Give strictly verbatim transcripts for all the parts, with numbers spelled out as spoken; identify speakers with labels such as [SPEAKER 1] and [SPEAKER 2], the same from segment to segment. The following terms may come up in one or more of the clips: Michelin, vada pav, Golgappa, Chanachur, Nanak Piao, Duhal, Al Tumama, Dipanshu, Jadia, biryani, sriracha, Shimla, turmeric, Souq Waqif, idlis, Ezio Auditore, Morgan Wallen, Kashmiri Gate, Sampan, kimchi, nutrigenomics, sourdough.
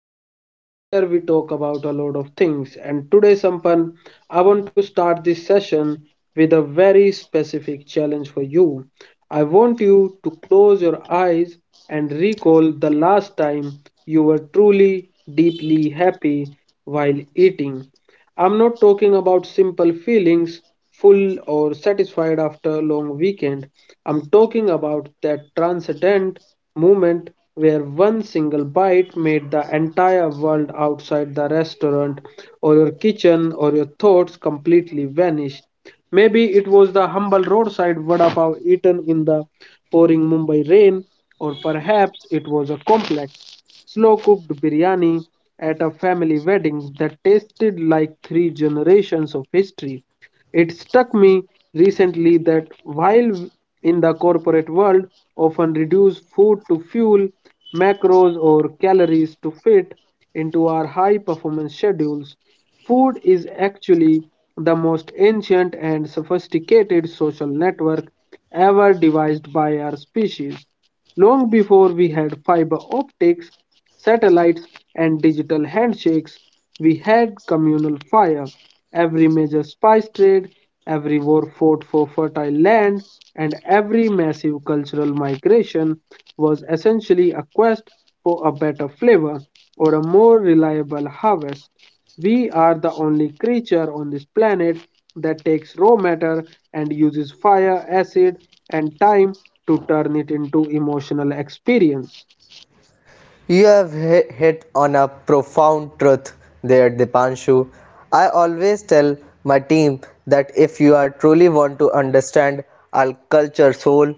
[SPEAKER 1] space. Here we talk about a lot of things, and today, Sampan, I want to start this session with a very specific challenge for you. I want you to close your eyes and recall the last time you were truly, deeply happy while eating. I'm not talking about simple feelings, full or satisfied after a long weekend. I'm talking about that transcendent moment where one single bite made the entire world outside the restaurant or your kitchen or your thoughts completely vanish. Maybe it was the humble roadside vada pav eaten in the pouring Mumbai rain, or perhaps it was a complex slow cooked biryani at a family wedding that tasted like three generations of history. It struck me recently that while in the corporate world often reduce food to fuel, macros, or calories to fit into our high performance schedules, food is actually the most ancient and sophisticated social network ever devised by our species. Long before we had fiber optics, satellites, and digital handshakes, we had communal fire. Every major spice trade, every war fought for fertile land, and every massive cultural migration was essentially a quest for a better flavor or a more reliable harvest. We are the only creature on this planet that takes raw matter and uses fire, acid, and time to turn it into emotional experience.
[SPEAKER 2] You have hi- hit on a profound truth there, Dipanshu. I always tell my team that if you are truly want to understand our culture's soul,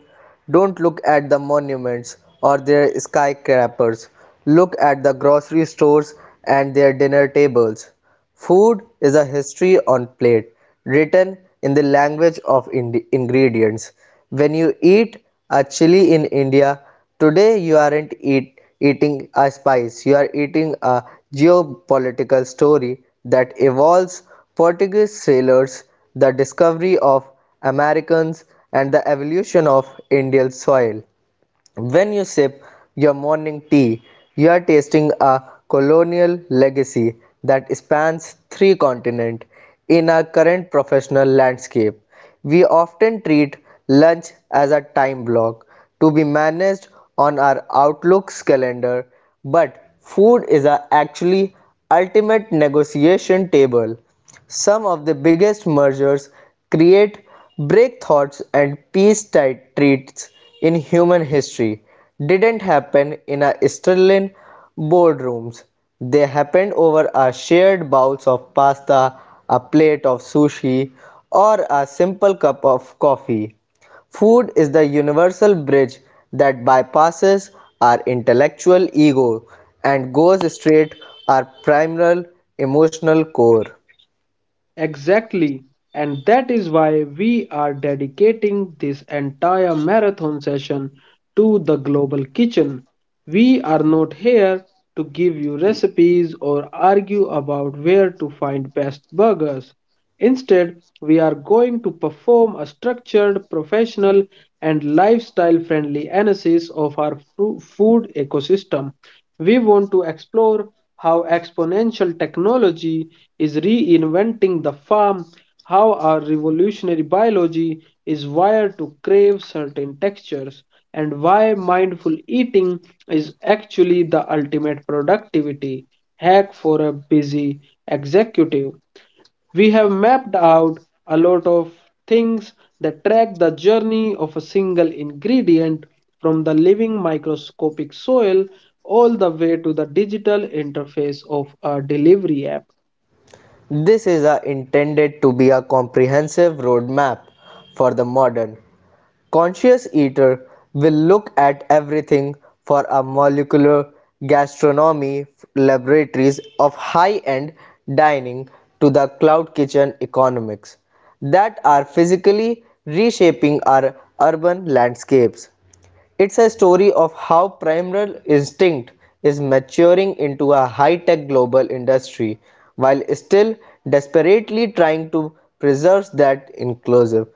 [SPEAKER 2] don't look at the monuments or their skyscrapers. Look at the grocery stores and their dinner tables. Food is a history on plate written in the language of ind- ingredients. When you eat a chili in India, today you aren't eat- eating a spice, you are eating a geopolitical story that evolves Portuguese sailors, the discovery of Americans, and the evolution of Indian soil. When you sip your morning tea, you are tasting a colonial legacy that spans three continents. In our current professional landscape, we often treat lunch as a time block to be managed on our Outlook's calendar, but food is a actually ultimate negotiation table. Some of the biggest mergers create breakthroughs and peace treaties in human history didn't happen in a sterling boardrooms. They happened over a shared bowl of pasta, a plate of sushi, or a simple cup of coffee. Food is the universal bridge that bypasses our intellectual ego and goes straight to our primal emotional core.
[SPEAKER 1] Exactly. And that is why we are dedicating this entire marathon session to the global kitchen. We are not here to give you recipes or argue about where to find best burgers. Instead, we are going to perform a structured, professional, and lifestyle friendly analysis of our fru- food ecosystem. We want to explore how exponential technology is reinventing the farm, how our revolutionary biology is wired to crave certain textures, and why mindful eating is actually the ultimate productivity hack for a busy executive. We have mapped out a lot of things that track the journey of a single ingredient from the living microscopic soil all the way to the digital interface of a delivery app.
[SPEAKER 2] This is a intended to be a comprehensive roadmap for the modern, conscious eater will look at everything for a molecular gastronomy laboratories of high-end dining to the cloud kitchen economics that are physically reshaping our urban landscapes. It's a story of how primal instinct is maturing into a high tech global industry while still desperately trying to preserve that inclusive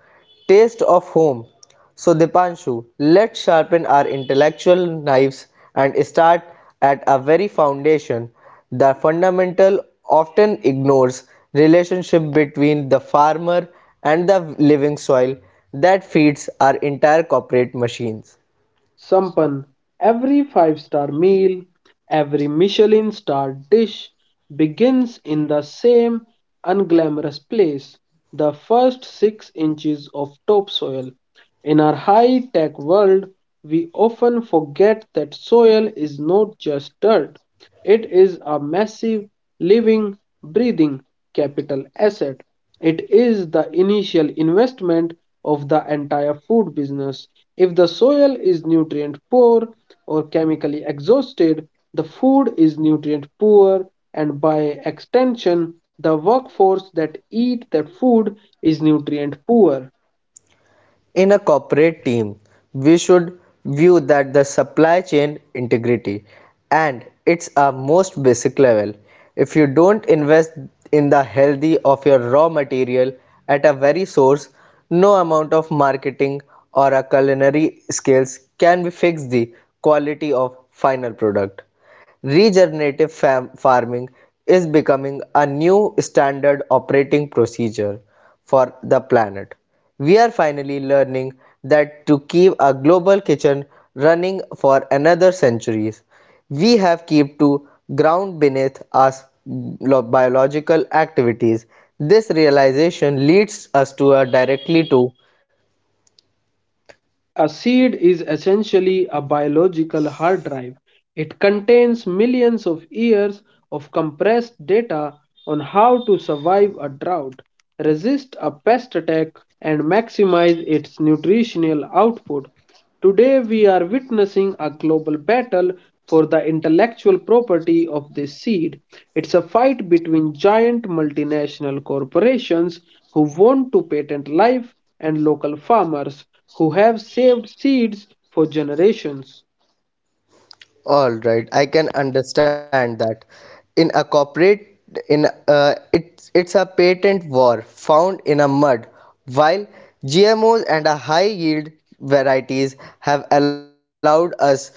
[SPEAKER 2] taste of home. So, Dipanshu, let's sharpen our intellectual knives and start at a very foundation. The fundamental often ignores relationship between the farmer and the living soil that feeds our entire corporate machines.
[SPEAKER 1] sampan, every five star meal, every Michelin star dish begins in the same unglamorous place: the first six inches of topsoil. In our high tech world, we often forget that soil is not just dirt, it is a massive, living, breathing capital asset. It is the initial investment of the entire food business. If the soil is nutrient poor or chemically exhausted, the food is nutrient poor, and by extension, the workforce that eat that food is nutrient poor.
[SPEAKER 2] In a corporate team, we should view that the supply chain integrity and it's a most basic level. If you don't invest in the healthy of your raw material at a very source, no amount of marketing or a culinary skills can fix the quality of final product. Regenerative farming is becoming a new standard operating procedure for the planet. We are finally learning that to keep a global kitchen running for another centuries, we have keep to ground beneath us biological activities. This realization leads us to a directly to.
[SPEAKER 1] A seed is essentially a biological hard drive. It contains millions of years of compressed data on how to survive a drought, resist a pest attack, and maximize its nutritional output. Today, we are witnessing a global battle for the intellectual property of this seed. It's a fight between giant multinational corporations who want to patent life and local farmers who have saved seeds for generations.
[SPEAKER 2] All right, I can understand that. In a corporate, in uh, it's it's a patent war found in a mud. While G M Os and a high yield varieties have allowed us have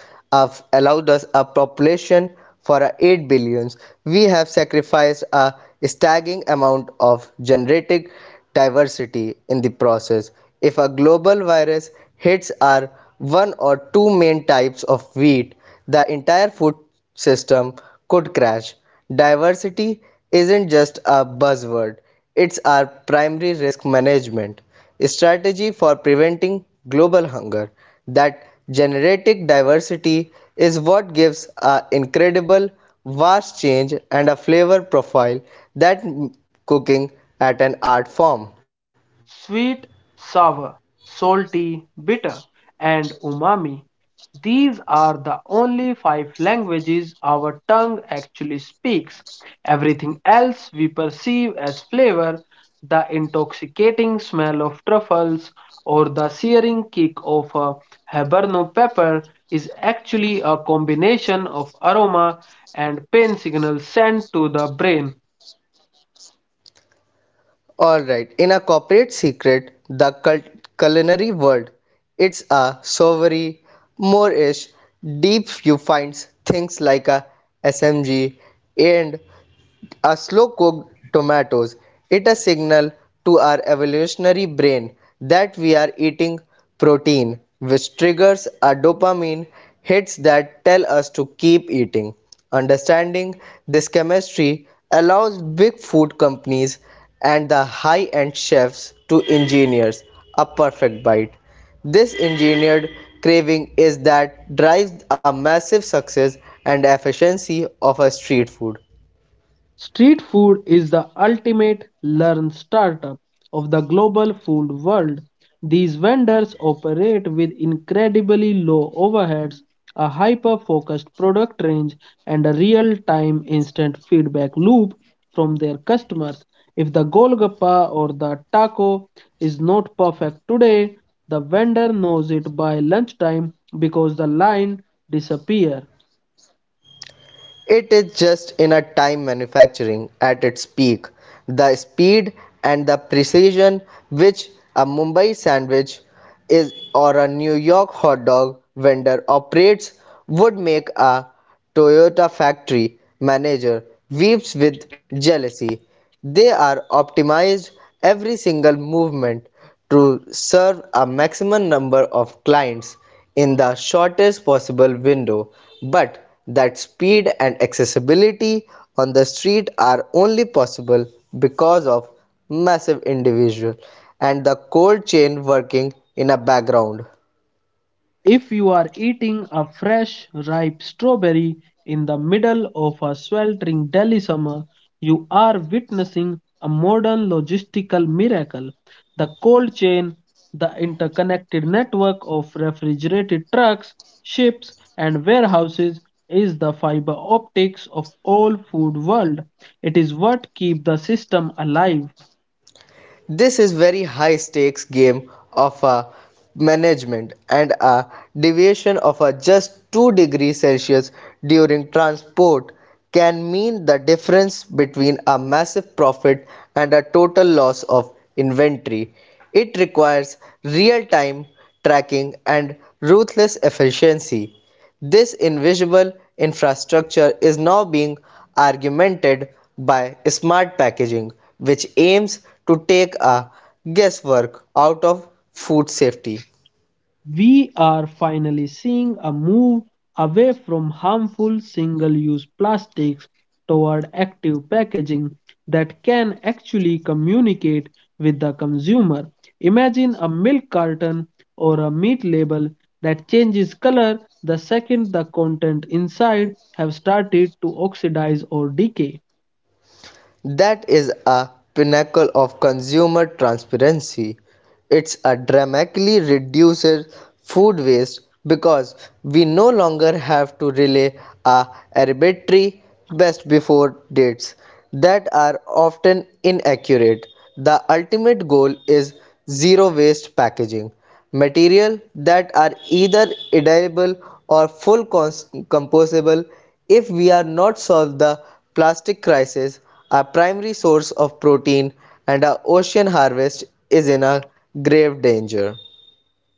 [SPEAKER 2] allowed us a population for a eight billions, we have sacrificed a staggering amount of genetic diversity in the process. If a global virus hits our one or two main types of wheat, the entire food system could crash. Diversity isn't just a buzzword, it's our primary risk management strategy for preventing global hunger that genetic diversity is what gives a incredible vast change and a flavor profile that cooking at an art form.
[SPEAKER 1] Sweet, sour, salty, bitter, and umami. These are the only five languages our tongue actually speaks. Everything else we perceive as flavor, the intoxicating smell of truffles or the searing kick of a habanero pepper, is actually a combination of aroma and pain signals sent to the brain.
[SPEAKER 2] All right, in a corporate secret the cul- culinary world it's a savory moorish deep you finds things like a smg and slow-cooked tomatoes. It a signal to our evolutionary brain that we are eating protein, which triggers our dopamine hits that tell us to keep eating. Understanding this chemistry allows big food companies and the high-end chefs to engineer a perfect bite. This engineered craving is that drives a massive success and efficiency of a street food.
[SPEAKER 1] Street food is the ultimate learn startup of the global food world. These vendors operate with incredibly low overheads, a hyper focused product range, and a real time instant feedback loop from their customers. If the Golgappa or the taco is not perfect today, the vendor knows it by lunchtime because the line disappears.
[SPEAKER 2] It is just in a time manufacturing at its peak. The speed and the precision which a Mumbai sandwich is or a New York hot dog vendor operates would make a Toyota factory manager weeps with jealousy. They are optimized every single movement to serve a maximum number of clients in the shortest possible window, but that speed and accessibility on the street are only possible because of massive individual and the cold chain working in a background.
[SPEAKER 1] If you are eating a fresh, ripe strawberry in the middle of a sweltering Delhi summer, you are witnessing a modern logistical miracle. The cold chain, the interconnected network of refrigerated trucks, ships, and warehouses, is the fiber optics of all food world. It is what keeps the system alive.
[SPEAKER 2] This is very high stakes game of a management and a deviation of a just two degrees Celsius during transport can mean the difference between a massive profit and a total loss of inventory. It requires real time tracking and ruthless efficiency. This invisible infrastructure is now being augmented by smart packaging, which aims to take a guesswork out of food safety.
[SPEAKER 1] We are finally seeing a move away from harmful single-use plastics toward active packaging that can actually communicate with the consumer. Imagine a milk carton or a meat label that changes color the second the content inside have started to oxidize or decay.
[SPEAKER 2] That is a pinnacle of consumer transparency. It's a dramatically reduces food waste because we no longer have to rely on arbitrary best before dates that are often inaccurate. The ultimate goal is zero waste packaging, material that are either edible or full cons- composable. If we are not solve the plastic crisis, our primary source of protein and our ocean harvest is in a grave danger.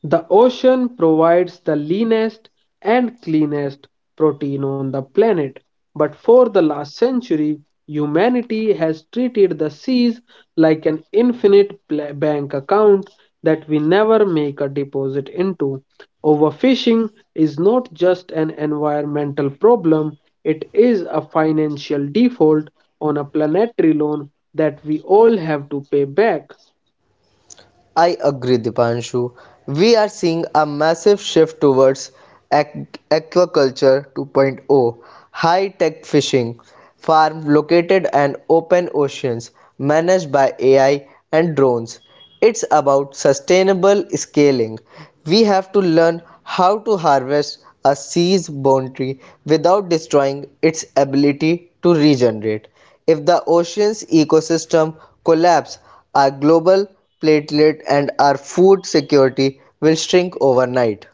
[SPEAKER 1] The ocean provides the leanest and cleanest protein on the planet, but for the last century, humanity has treated the seas like an infinite pla- bank account that we never make a deposit into. Overfishing is not just an environmental problem, it is a financial default on a planetary loan that we all have to pay back.
[SPEAKER 2] I agree, Dipanshu. We are seeing a massive shift towards aqu- aquaculture 2.0, high tech fishing, farm located and open oceans managed by A I and drones. It's about sustainable scaling. We have to learn how to harvest a sea's bounty without destroying its ability to regenerate. If the ocean's ecosystem collapse, our global platelet and our food security will shrink overnight.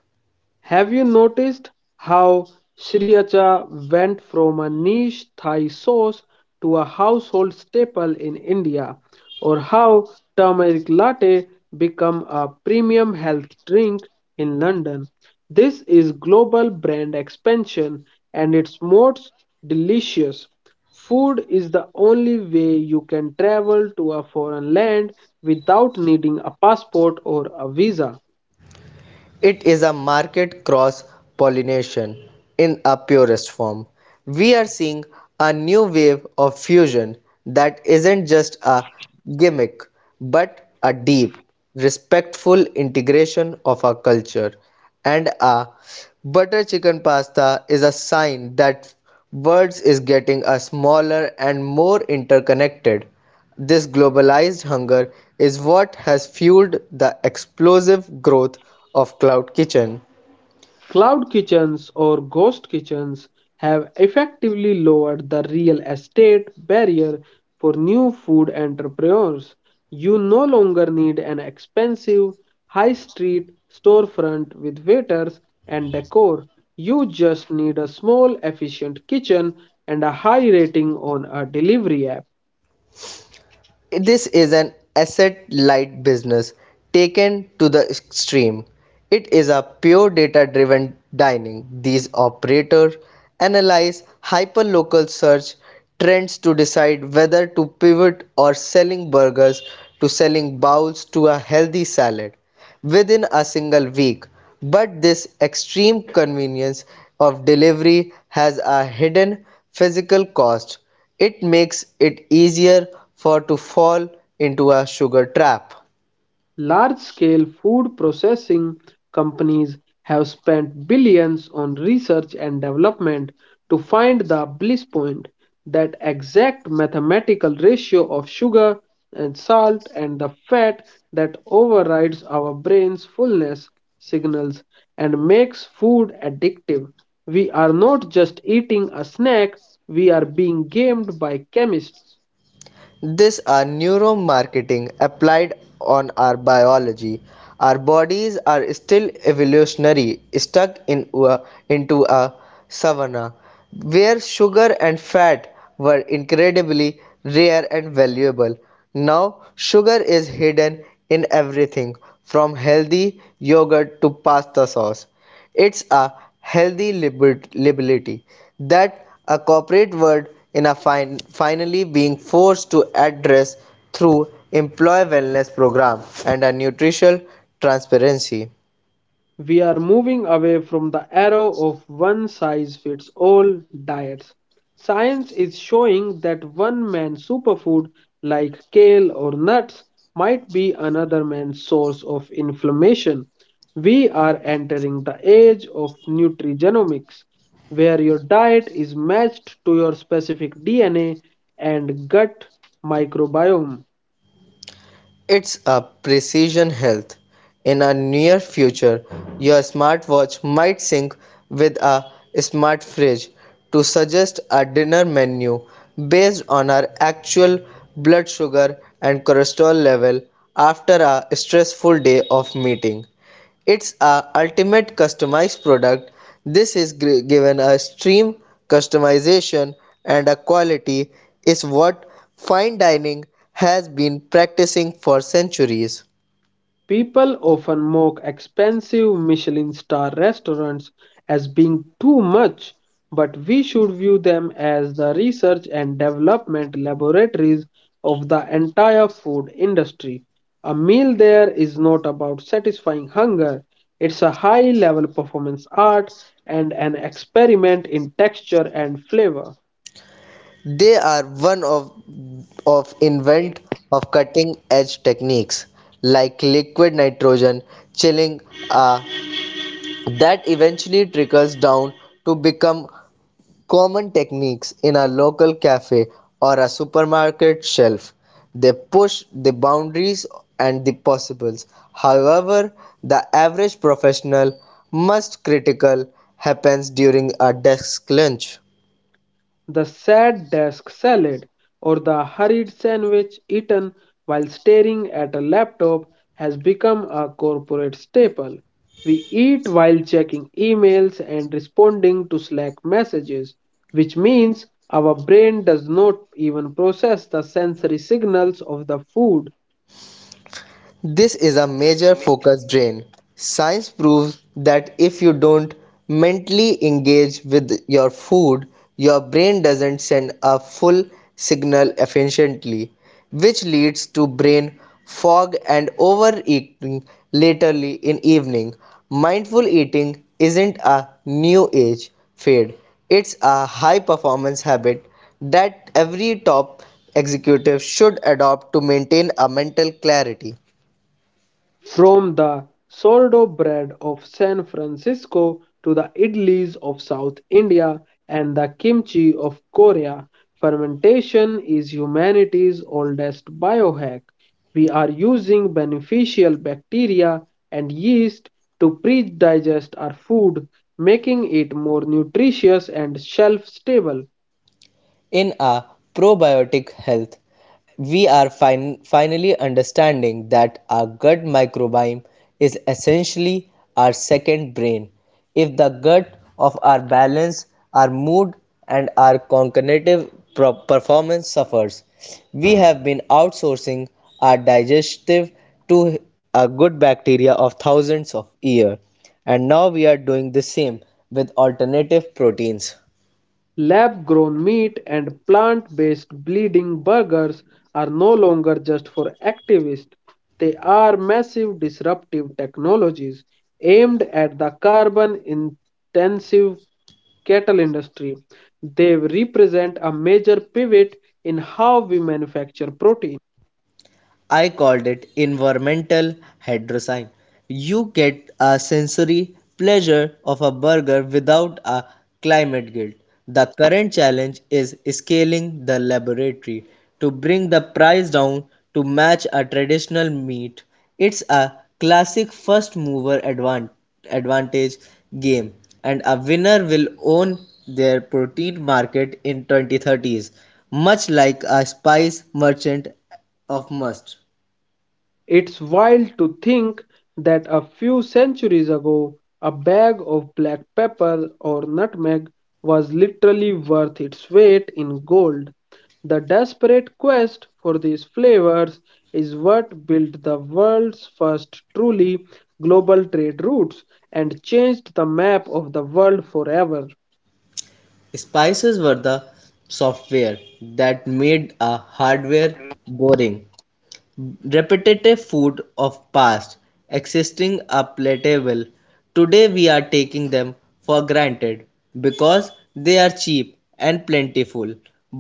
[SPEAKER 1] Have you noticed how sriracha went from a niche Thai sauce to a household staple in India, or how turmeric latte became a premium health drink in London? This is global brand expansion and it's most delicious. Food is the only way you can travel to a foreign land without needing a passport or a visa.
[SPEAKER 2] It is a market cross pollination in a purest form. We are seeing a new wave of fusion that isn't just a gimmick but a deep, respectful integration of our culture. And a butter chicken pasta is a sign that words is getting a smaller and more interconnected. This globalized hunger is what has fueled the explosive growth of Cloud Kitchen.
[SPEAKER 1] Cloud kitchens or ghost kitchens have effectively lowered the real estate barrier for new food entrepreneurs. You no longer need an expensive high street storefront with waiters and decor. You just need a small, efficient kitchen and a high rating on a delivery app.
[SPEAKER 2] This is an asset-light business taken to the extreme. It is a pure data-driven dining. These operators analyze hyperlocal search trends to decide whether to pivot or selling burgers to selling bowls to a healthy salad within a single week. But this extreme convenience of delivery has a hidden physical cost. It makes it easier for to fall into a sugar trap.
[SPEAKER 1] Large-scale food processing companies have spent billions on research and development to find the bliss point, that exact mathematical ratio of sugar and salt and the fat that overrides our brain's fullness signals and makes food addictive. We are not just eating a snack, we are being gamed by chemists.
[SPEAKER 2] These are neuromarketing applied on our biology. Our bodies are still evolutionary, stuck in a- into a savanna where sugar and fat were incredibly rare and valuable. Now, sugar is hidden in everything from healthy yogurt to pasta sauce. It's a healthy libert- liberty that a corporate world in a fin- finally being forced to address through employee wellness program and a nutritional transparency.
[SPEAKER 1] We are moving away from the arrow of one size fits all diets. Science is showing that one man's superfood, like kale or nuts, might be another man's source of inflammation. We are entering the age of nutrigenomics, where your diet is matched to your specific D N A and gut microbiome.
[SPEAKER 2] It's a precision health. In a near future, your smartwatch might sync with a smart fridge to suggest a dinner menu based on our actual blood sugar and cholesterol level after a stressful day of meeting. It's a ultimate customized product. This is gr- given a stream customization and a quality is what fine dining has been practicing for centuries.
[SPEAKER 1] People often mock expensive Michelin star restaurants as being too much, but we should view them as the research and development laboratories of the entire food industry. A meal there is not about satisfying hunger, it's a high level performance art and an experiment in texture and flavor.
[SPEAKER 2] They are one of of invent of cutting edge techniques like liquid nitrogen chilling, uh, that eventually trickles down to become common techniques in a local cafe or a supermarket shelf. They push the boundaries and the possibles. However, the average professional must critical happens during a desk lunch.
[SPEAKER 1] The sad desk salad, or the hurried sandwich eaten while staring at a laptop, has become a corporate staple. We eat while checking emails and responding to Slack messages, which means our brain does not even process the sensory signals of the food.
[SPEAKER 2] This is a major focus drain. Science proves that if you don't mentally engage with your food, your brain doesn't send a full signal efficiently, which leads to brain fog and overeating laterly in evening. Mindful eating isn't a new age fad. It's a high performance habit that every top executive should adopt to maintain a mental clarity.
[SPEAKER 1] From the sourdough bread of San Francisco to the idlis of South India and the kimchi of Korea, fermentation is humanity's oldest biohack. We are using beneficial bacteria and yeast to pre digest our food, making it more nutritious and shelf stable.
[SPEAKER 2] In our probiotic health, we are fin- finally understanding that our gut microbiome is essentially our second brain. If the gut of our balance, our mood, and our cognitive pro- performance suffers, we have been outsourcing our digestive to a good bacteria of thousands of years, and now we are doing the same with alternative proteins.
[SPEAKER 1] Lab grown meat and plant based bleeding burgers are no longer just for activists, they are massive disruptive technologies aimed at the carbon intensive cattle industry. They represent a major pivot in how we manufacture protein.
[SPEAKER 2] I called it environmental hydrosign. You get a sensory pleasure of a burger without a climate guilt. The current challenge is scaling the laboratory to bring the price down to match a traditional meat. It's a classic first mover advan- advantage game, and a winner will own their protein market in twenty thirties, much like a spice merchant of must.
[SPEAKER 1] It's wild to think that a few centuries ago, a bag of black pepper or nutmeg was literally worth its weight in gold. The desperate quest for these flavors is what built the world's first truly global trade routes and changed the map of the world forever.
[SPEAKER 2] Spices were the software that made a hardware boring. Repetitive food of past existing are palatable today. We are taking them for granted because they are cheap and plentiful,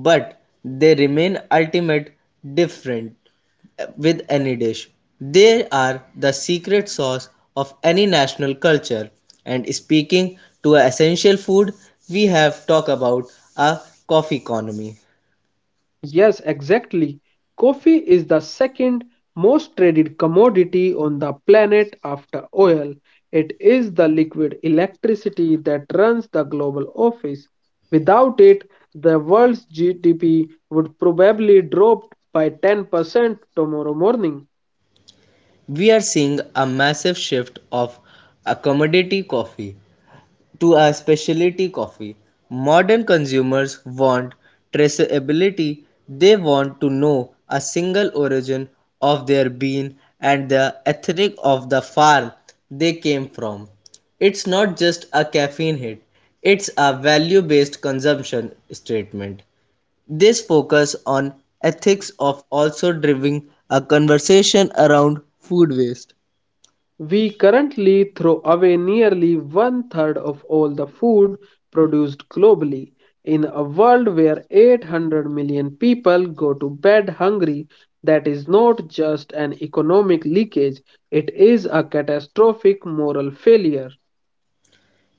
[SPEAKER 2] but they remain ultimate different with any dish. They are the secret sauce of any national culture. And speaking to a essential food, we have talked about a coffee economy.
[SPEAKER 1] Yes, exactly. Coffee is the second most traded commodity on the planet after oil. It is the liquid electricity that runs the global office. Without it, the world's GDP would probably drop by ten percent tomorrow morning.
[SPEAKER 2] We are seeing a massive shift of a commodity coffee to a specialty coffee. Modern consumers want traceability, they want to know a single origin of their bean and the ethnic of the farm they came from. It's not just a caffeine hit, it's a value based consumption statement. This focus on ethics of also driving a conversation around food waste.
[SPEAKER 1] We currently throw away nearly one third of all the food produced globally. In a world where eight hundred million people go to bed hungry, that is not just an economic leakage, it is a catastrophic moral failure.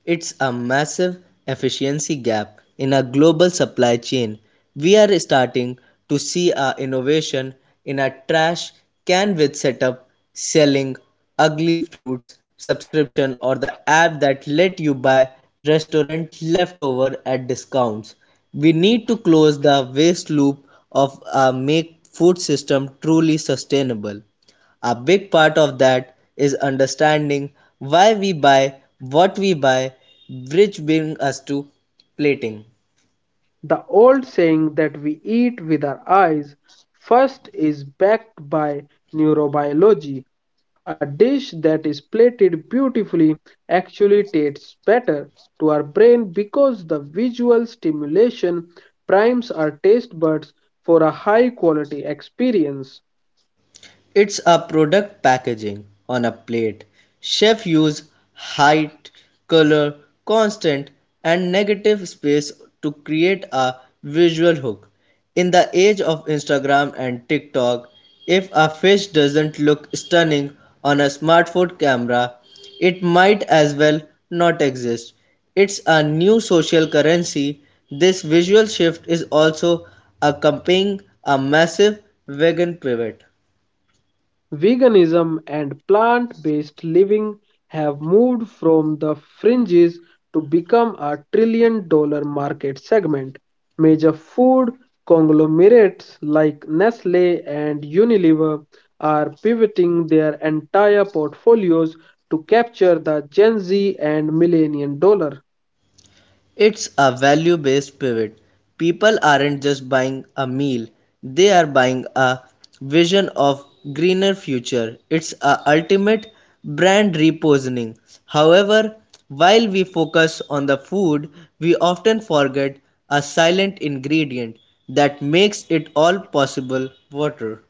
[SPEAKER 2] It's a massive efficiency gap in a global supply chain. We are starting to see a innovation in a trash can with setup, selling ugly fruits, subscription or the app that let you buy restaurant leftover at discounts. We need to close the waste loop of uh, make food system truly sustainable. A big part of that is understanding why we buy what we buy, which brings us to plating.
[SPEAKER 1] The old saying that we eat with our eyes first is backed by neurobiology. A dish that is plated beautifully actually tastes better to our brain because the visual stimulation primes our taste buds for a high quality experience.
[SPEAKER 2] It's a product packaging on a plate. Chefs use height, color, constant, and negative space to create a visual hook. In age of Instagram and TikTok, if a fish doesn't look stunning on a smartphone camera, it might as well not exist. It's a new social currency. This visual shift is also accompanying a massive vegan pivot.
[SPEAKER 1] Veganism and plant-based living have moved from the fringes to become a trillion-dollar market segment. Major food conglomerates like Nestle and Unilever are pivoting their entire portfolios to capture the Gen Z and Millennial dollar.
[SPEAKER 2] It's a value based pivot. People aren't just buying a meal, they are buying a vision of greener future. It's a ultimate brand repositioning. However, while we focus on the food, we often forget a silent ingredient that makes it all possible water.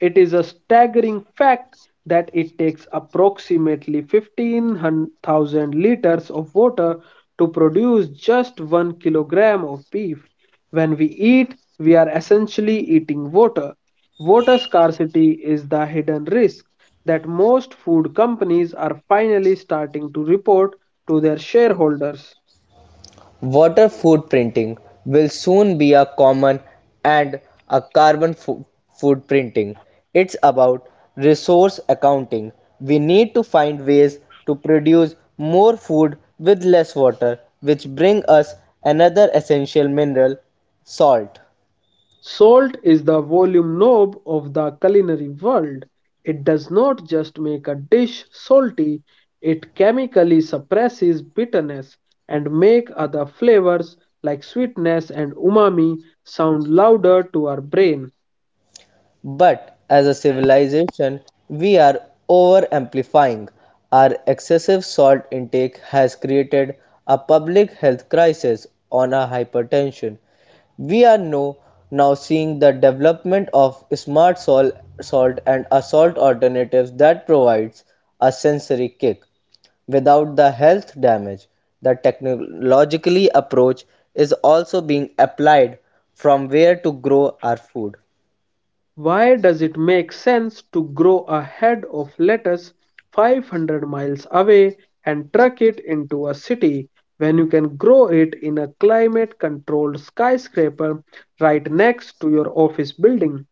[SPEAKER 1] It is a staggering fact that it takes approximately fifteen thousand liters of water to produce just one kilogram of beef. When we eat, we are essentially eating water. Water scarcity is the hidden risk that most food companies are finally starting to report to their shareholders.
[SPEAKER 2] Water footprinting will soon be a common and a carbon fo- footprinting. It's about resource accounting. We need to find ways to produce more food with less water, which bring us another essential mineral, salt.
[SPEAKER 1] Salt is the volume knob of the culinary world. It does not just make a dish salty, it chemically suppresses bitterness and make other flavors like sweetness and umami sound louder to our brain.
[SPEAKER 2] But as a civilization, we are over amplifying. Our excessive salt intake has created a public health crisis on our hypertension. We are now, now seeing the development of smart salt, salt and a salt alternatives that provides a sensory kick without the health damage. The technologically approach is also being applied from where to grow our food.
[SPEAKER 1] Why does it make sense to grow a head of lettuce five hundred miles away and truck it into a city when you can grow it in a climate controlled skyscraper right next to your office building?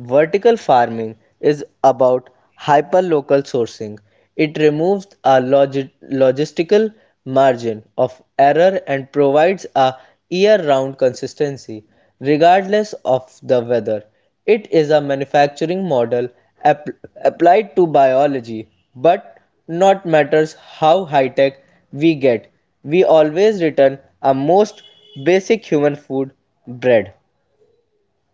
[SPEAKER 2] Vertical farming is about hyperlocal sourcing. It removes a logi- logistical margin of error and provides a year-round consistency regardless of the weather. It is a manufacturing model app- applied to biology, but not matters how high-tech we get. We always return our most basic human food, bread.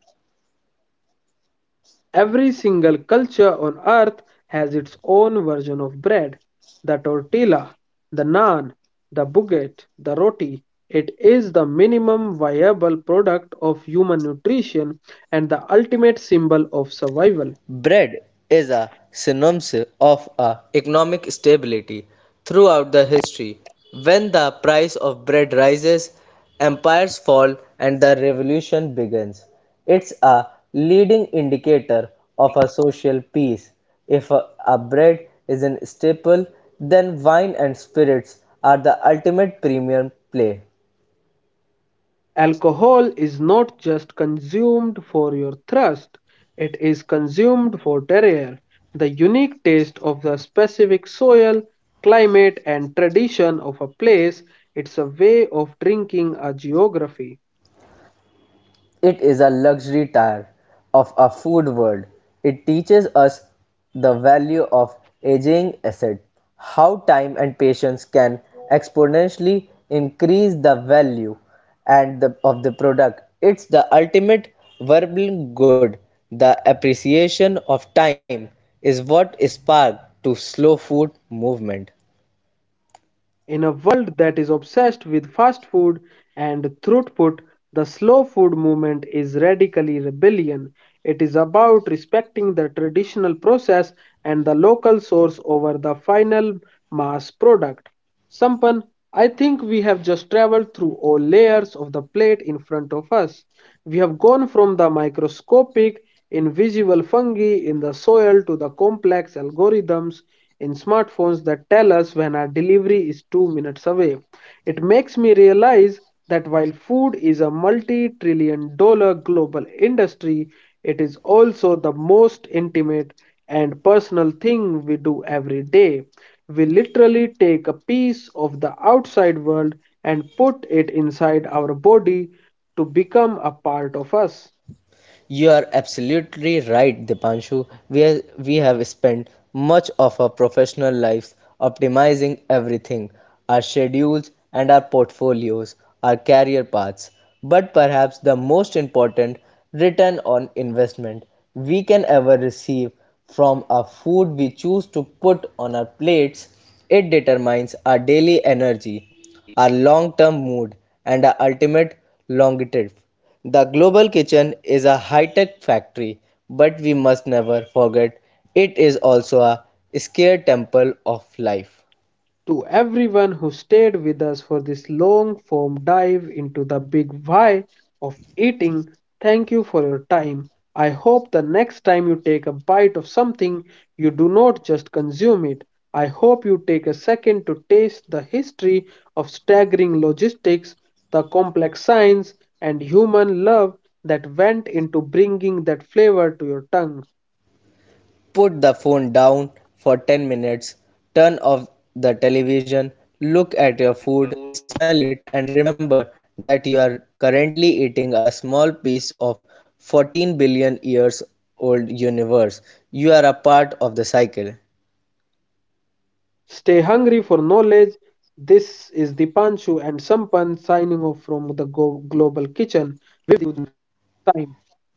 [SPEAKER 1] Every single culture on earth has its own version of bread: the tortilla, the naan, the baguette, the roti. It is the minimum viable product of human nutrition and the ultimate symbol of survival.
[SPEAKER 2] Bread is a synonym of a economic stability throughout the history. When the price of bread rises, empires fall and the revolution begins. It's a leading indicator of a social peace. If a, a bread is a staple, then wine and spirits are the ultimate premium play.
[SPEAKER 1] Alcohol is not just consumed for your thirst, it is consumed for terroir, the unique taste of the specific soil, climate, and tradition of a place. It's a way of drinking a geography.
[SPEAKER 2] It is a luxury tier of a food world. It teaches us the value of aging asset, how time and patience can exponentially increase the value and the, of the product. It's the ultimate verbal good. The appreciation of time is what sparked to slow food movement.
[SPEAKER 1] In a world that is obsessed with fast food and throughput, the slow food movement is radically rebellion. It is about respecting the traditional process and the local source over the final mass product. Sampan, I think we have just traveled through all layers of the plate in front of us. We have gone from the microscopic, invisible fungi in the soil to the complex algorithms in smartphones that tell us when our delivery is two minutes away. It makes me realize that while food is a multi trillion dollar global industry, it is also the most intimate and personal thing we do every day. We literally take a piece of the outside world and put it inside our body to become a part of us.
[SPEAKER 2] You are absolutely right, Dipanshu. We, are, we have spent much of our professional lives optimizing everything, our schedules and our portfolios, our career paths. But perhaps the most important return on investment we can ever receive from our food we choose to put on our plates, it determines our daily energy are long-term mood and are ultimate longevity. The global kitchen is a high-tech factory, but we must never forget it is also a scare temple of life.
[SPEAKER 1] to everyone who stayed with us for this long form dive into the big why of eating. Thank you for your time. I hope the next time you take a bite of something, you do not just consume it. I hope you take a second to taste the history of staggering logistics, the complex science, and human love that went into bringing that flavor to your tongue.
[SPEAKER 2] Put the phone down for ten minutes, turn off the television, look at your food, smell it, and remember that you are currently eating a small piece of fourteen billion years old universe. You are a part of the cycle.
[SPEAKER 1] Stay hungry for knowledge. This is Dipanshu and Sampan signing off from the Go- Global Kitchen. See you next time.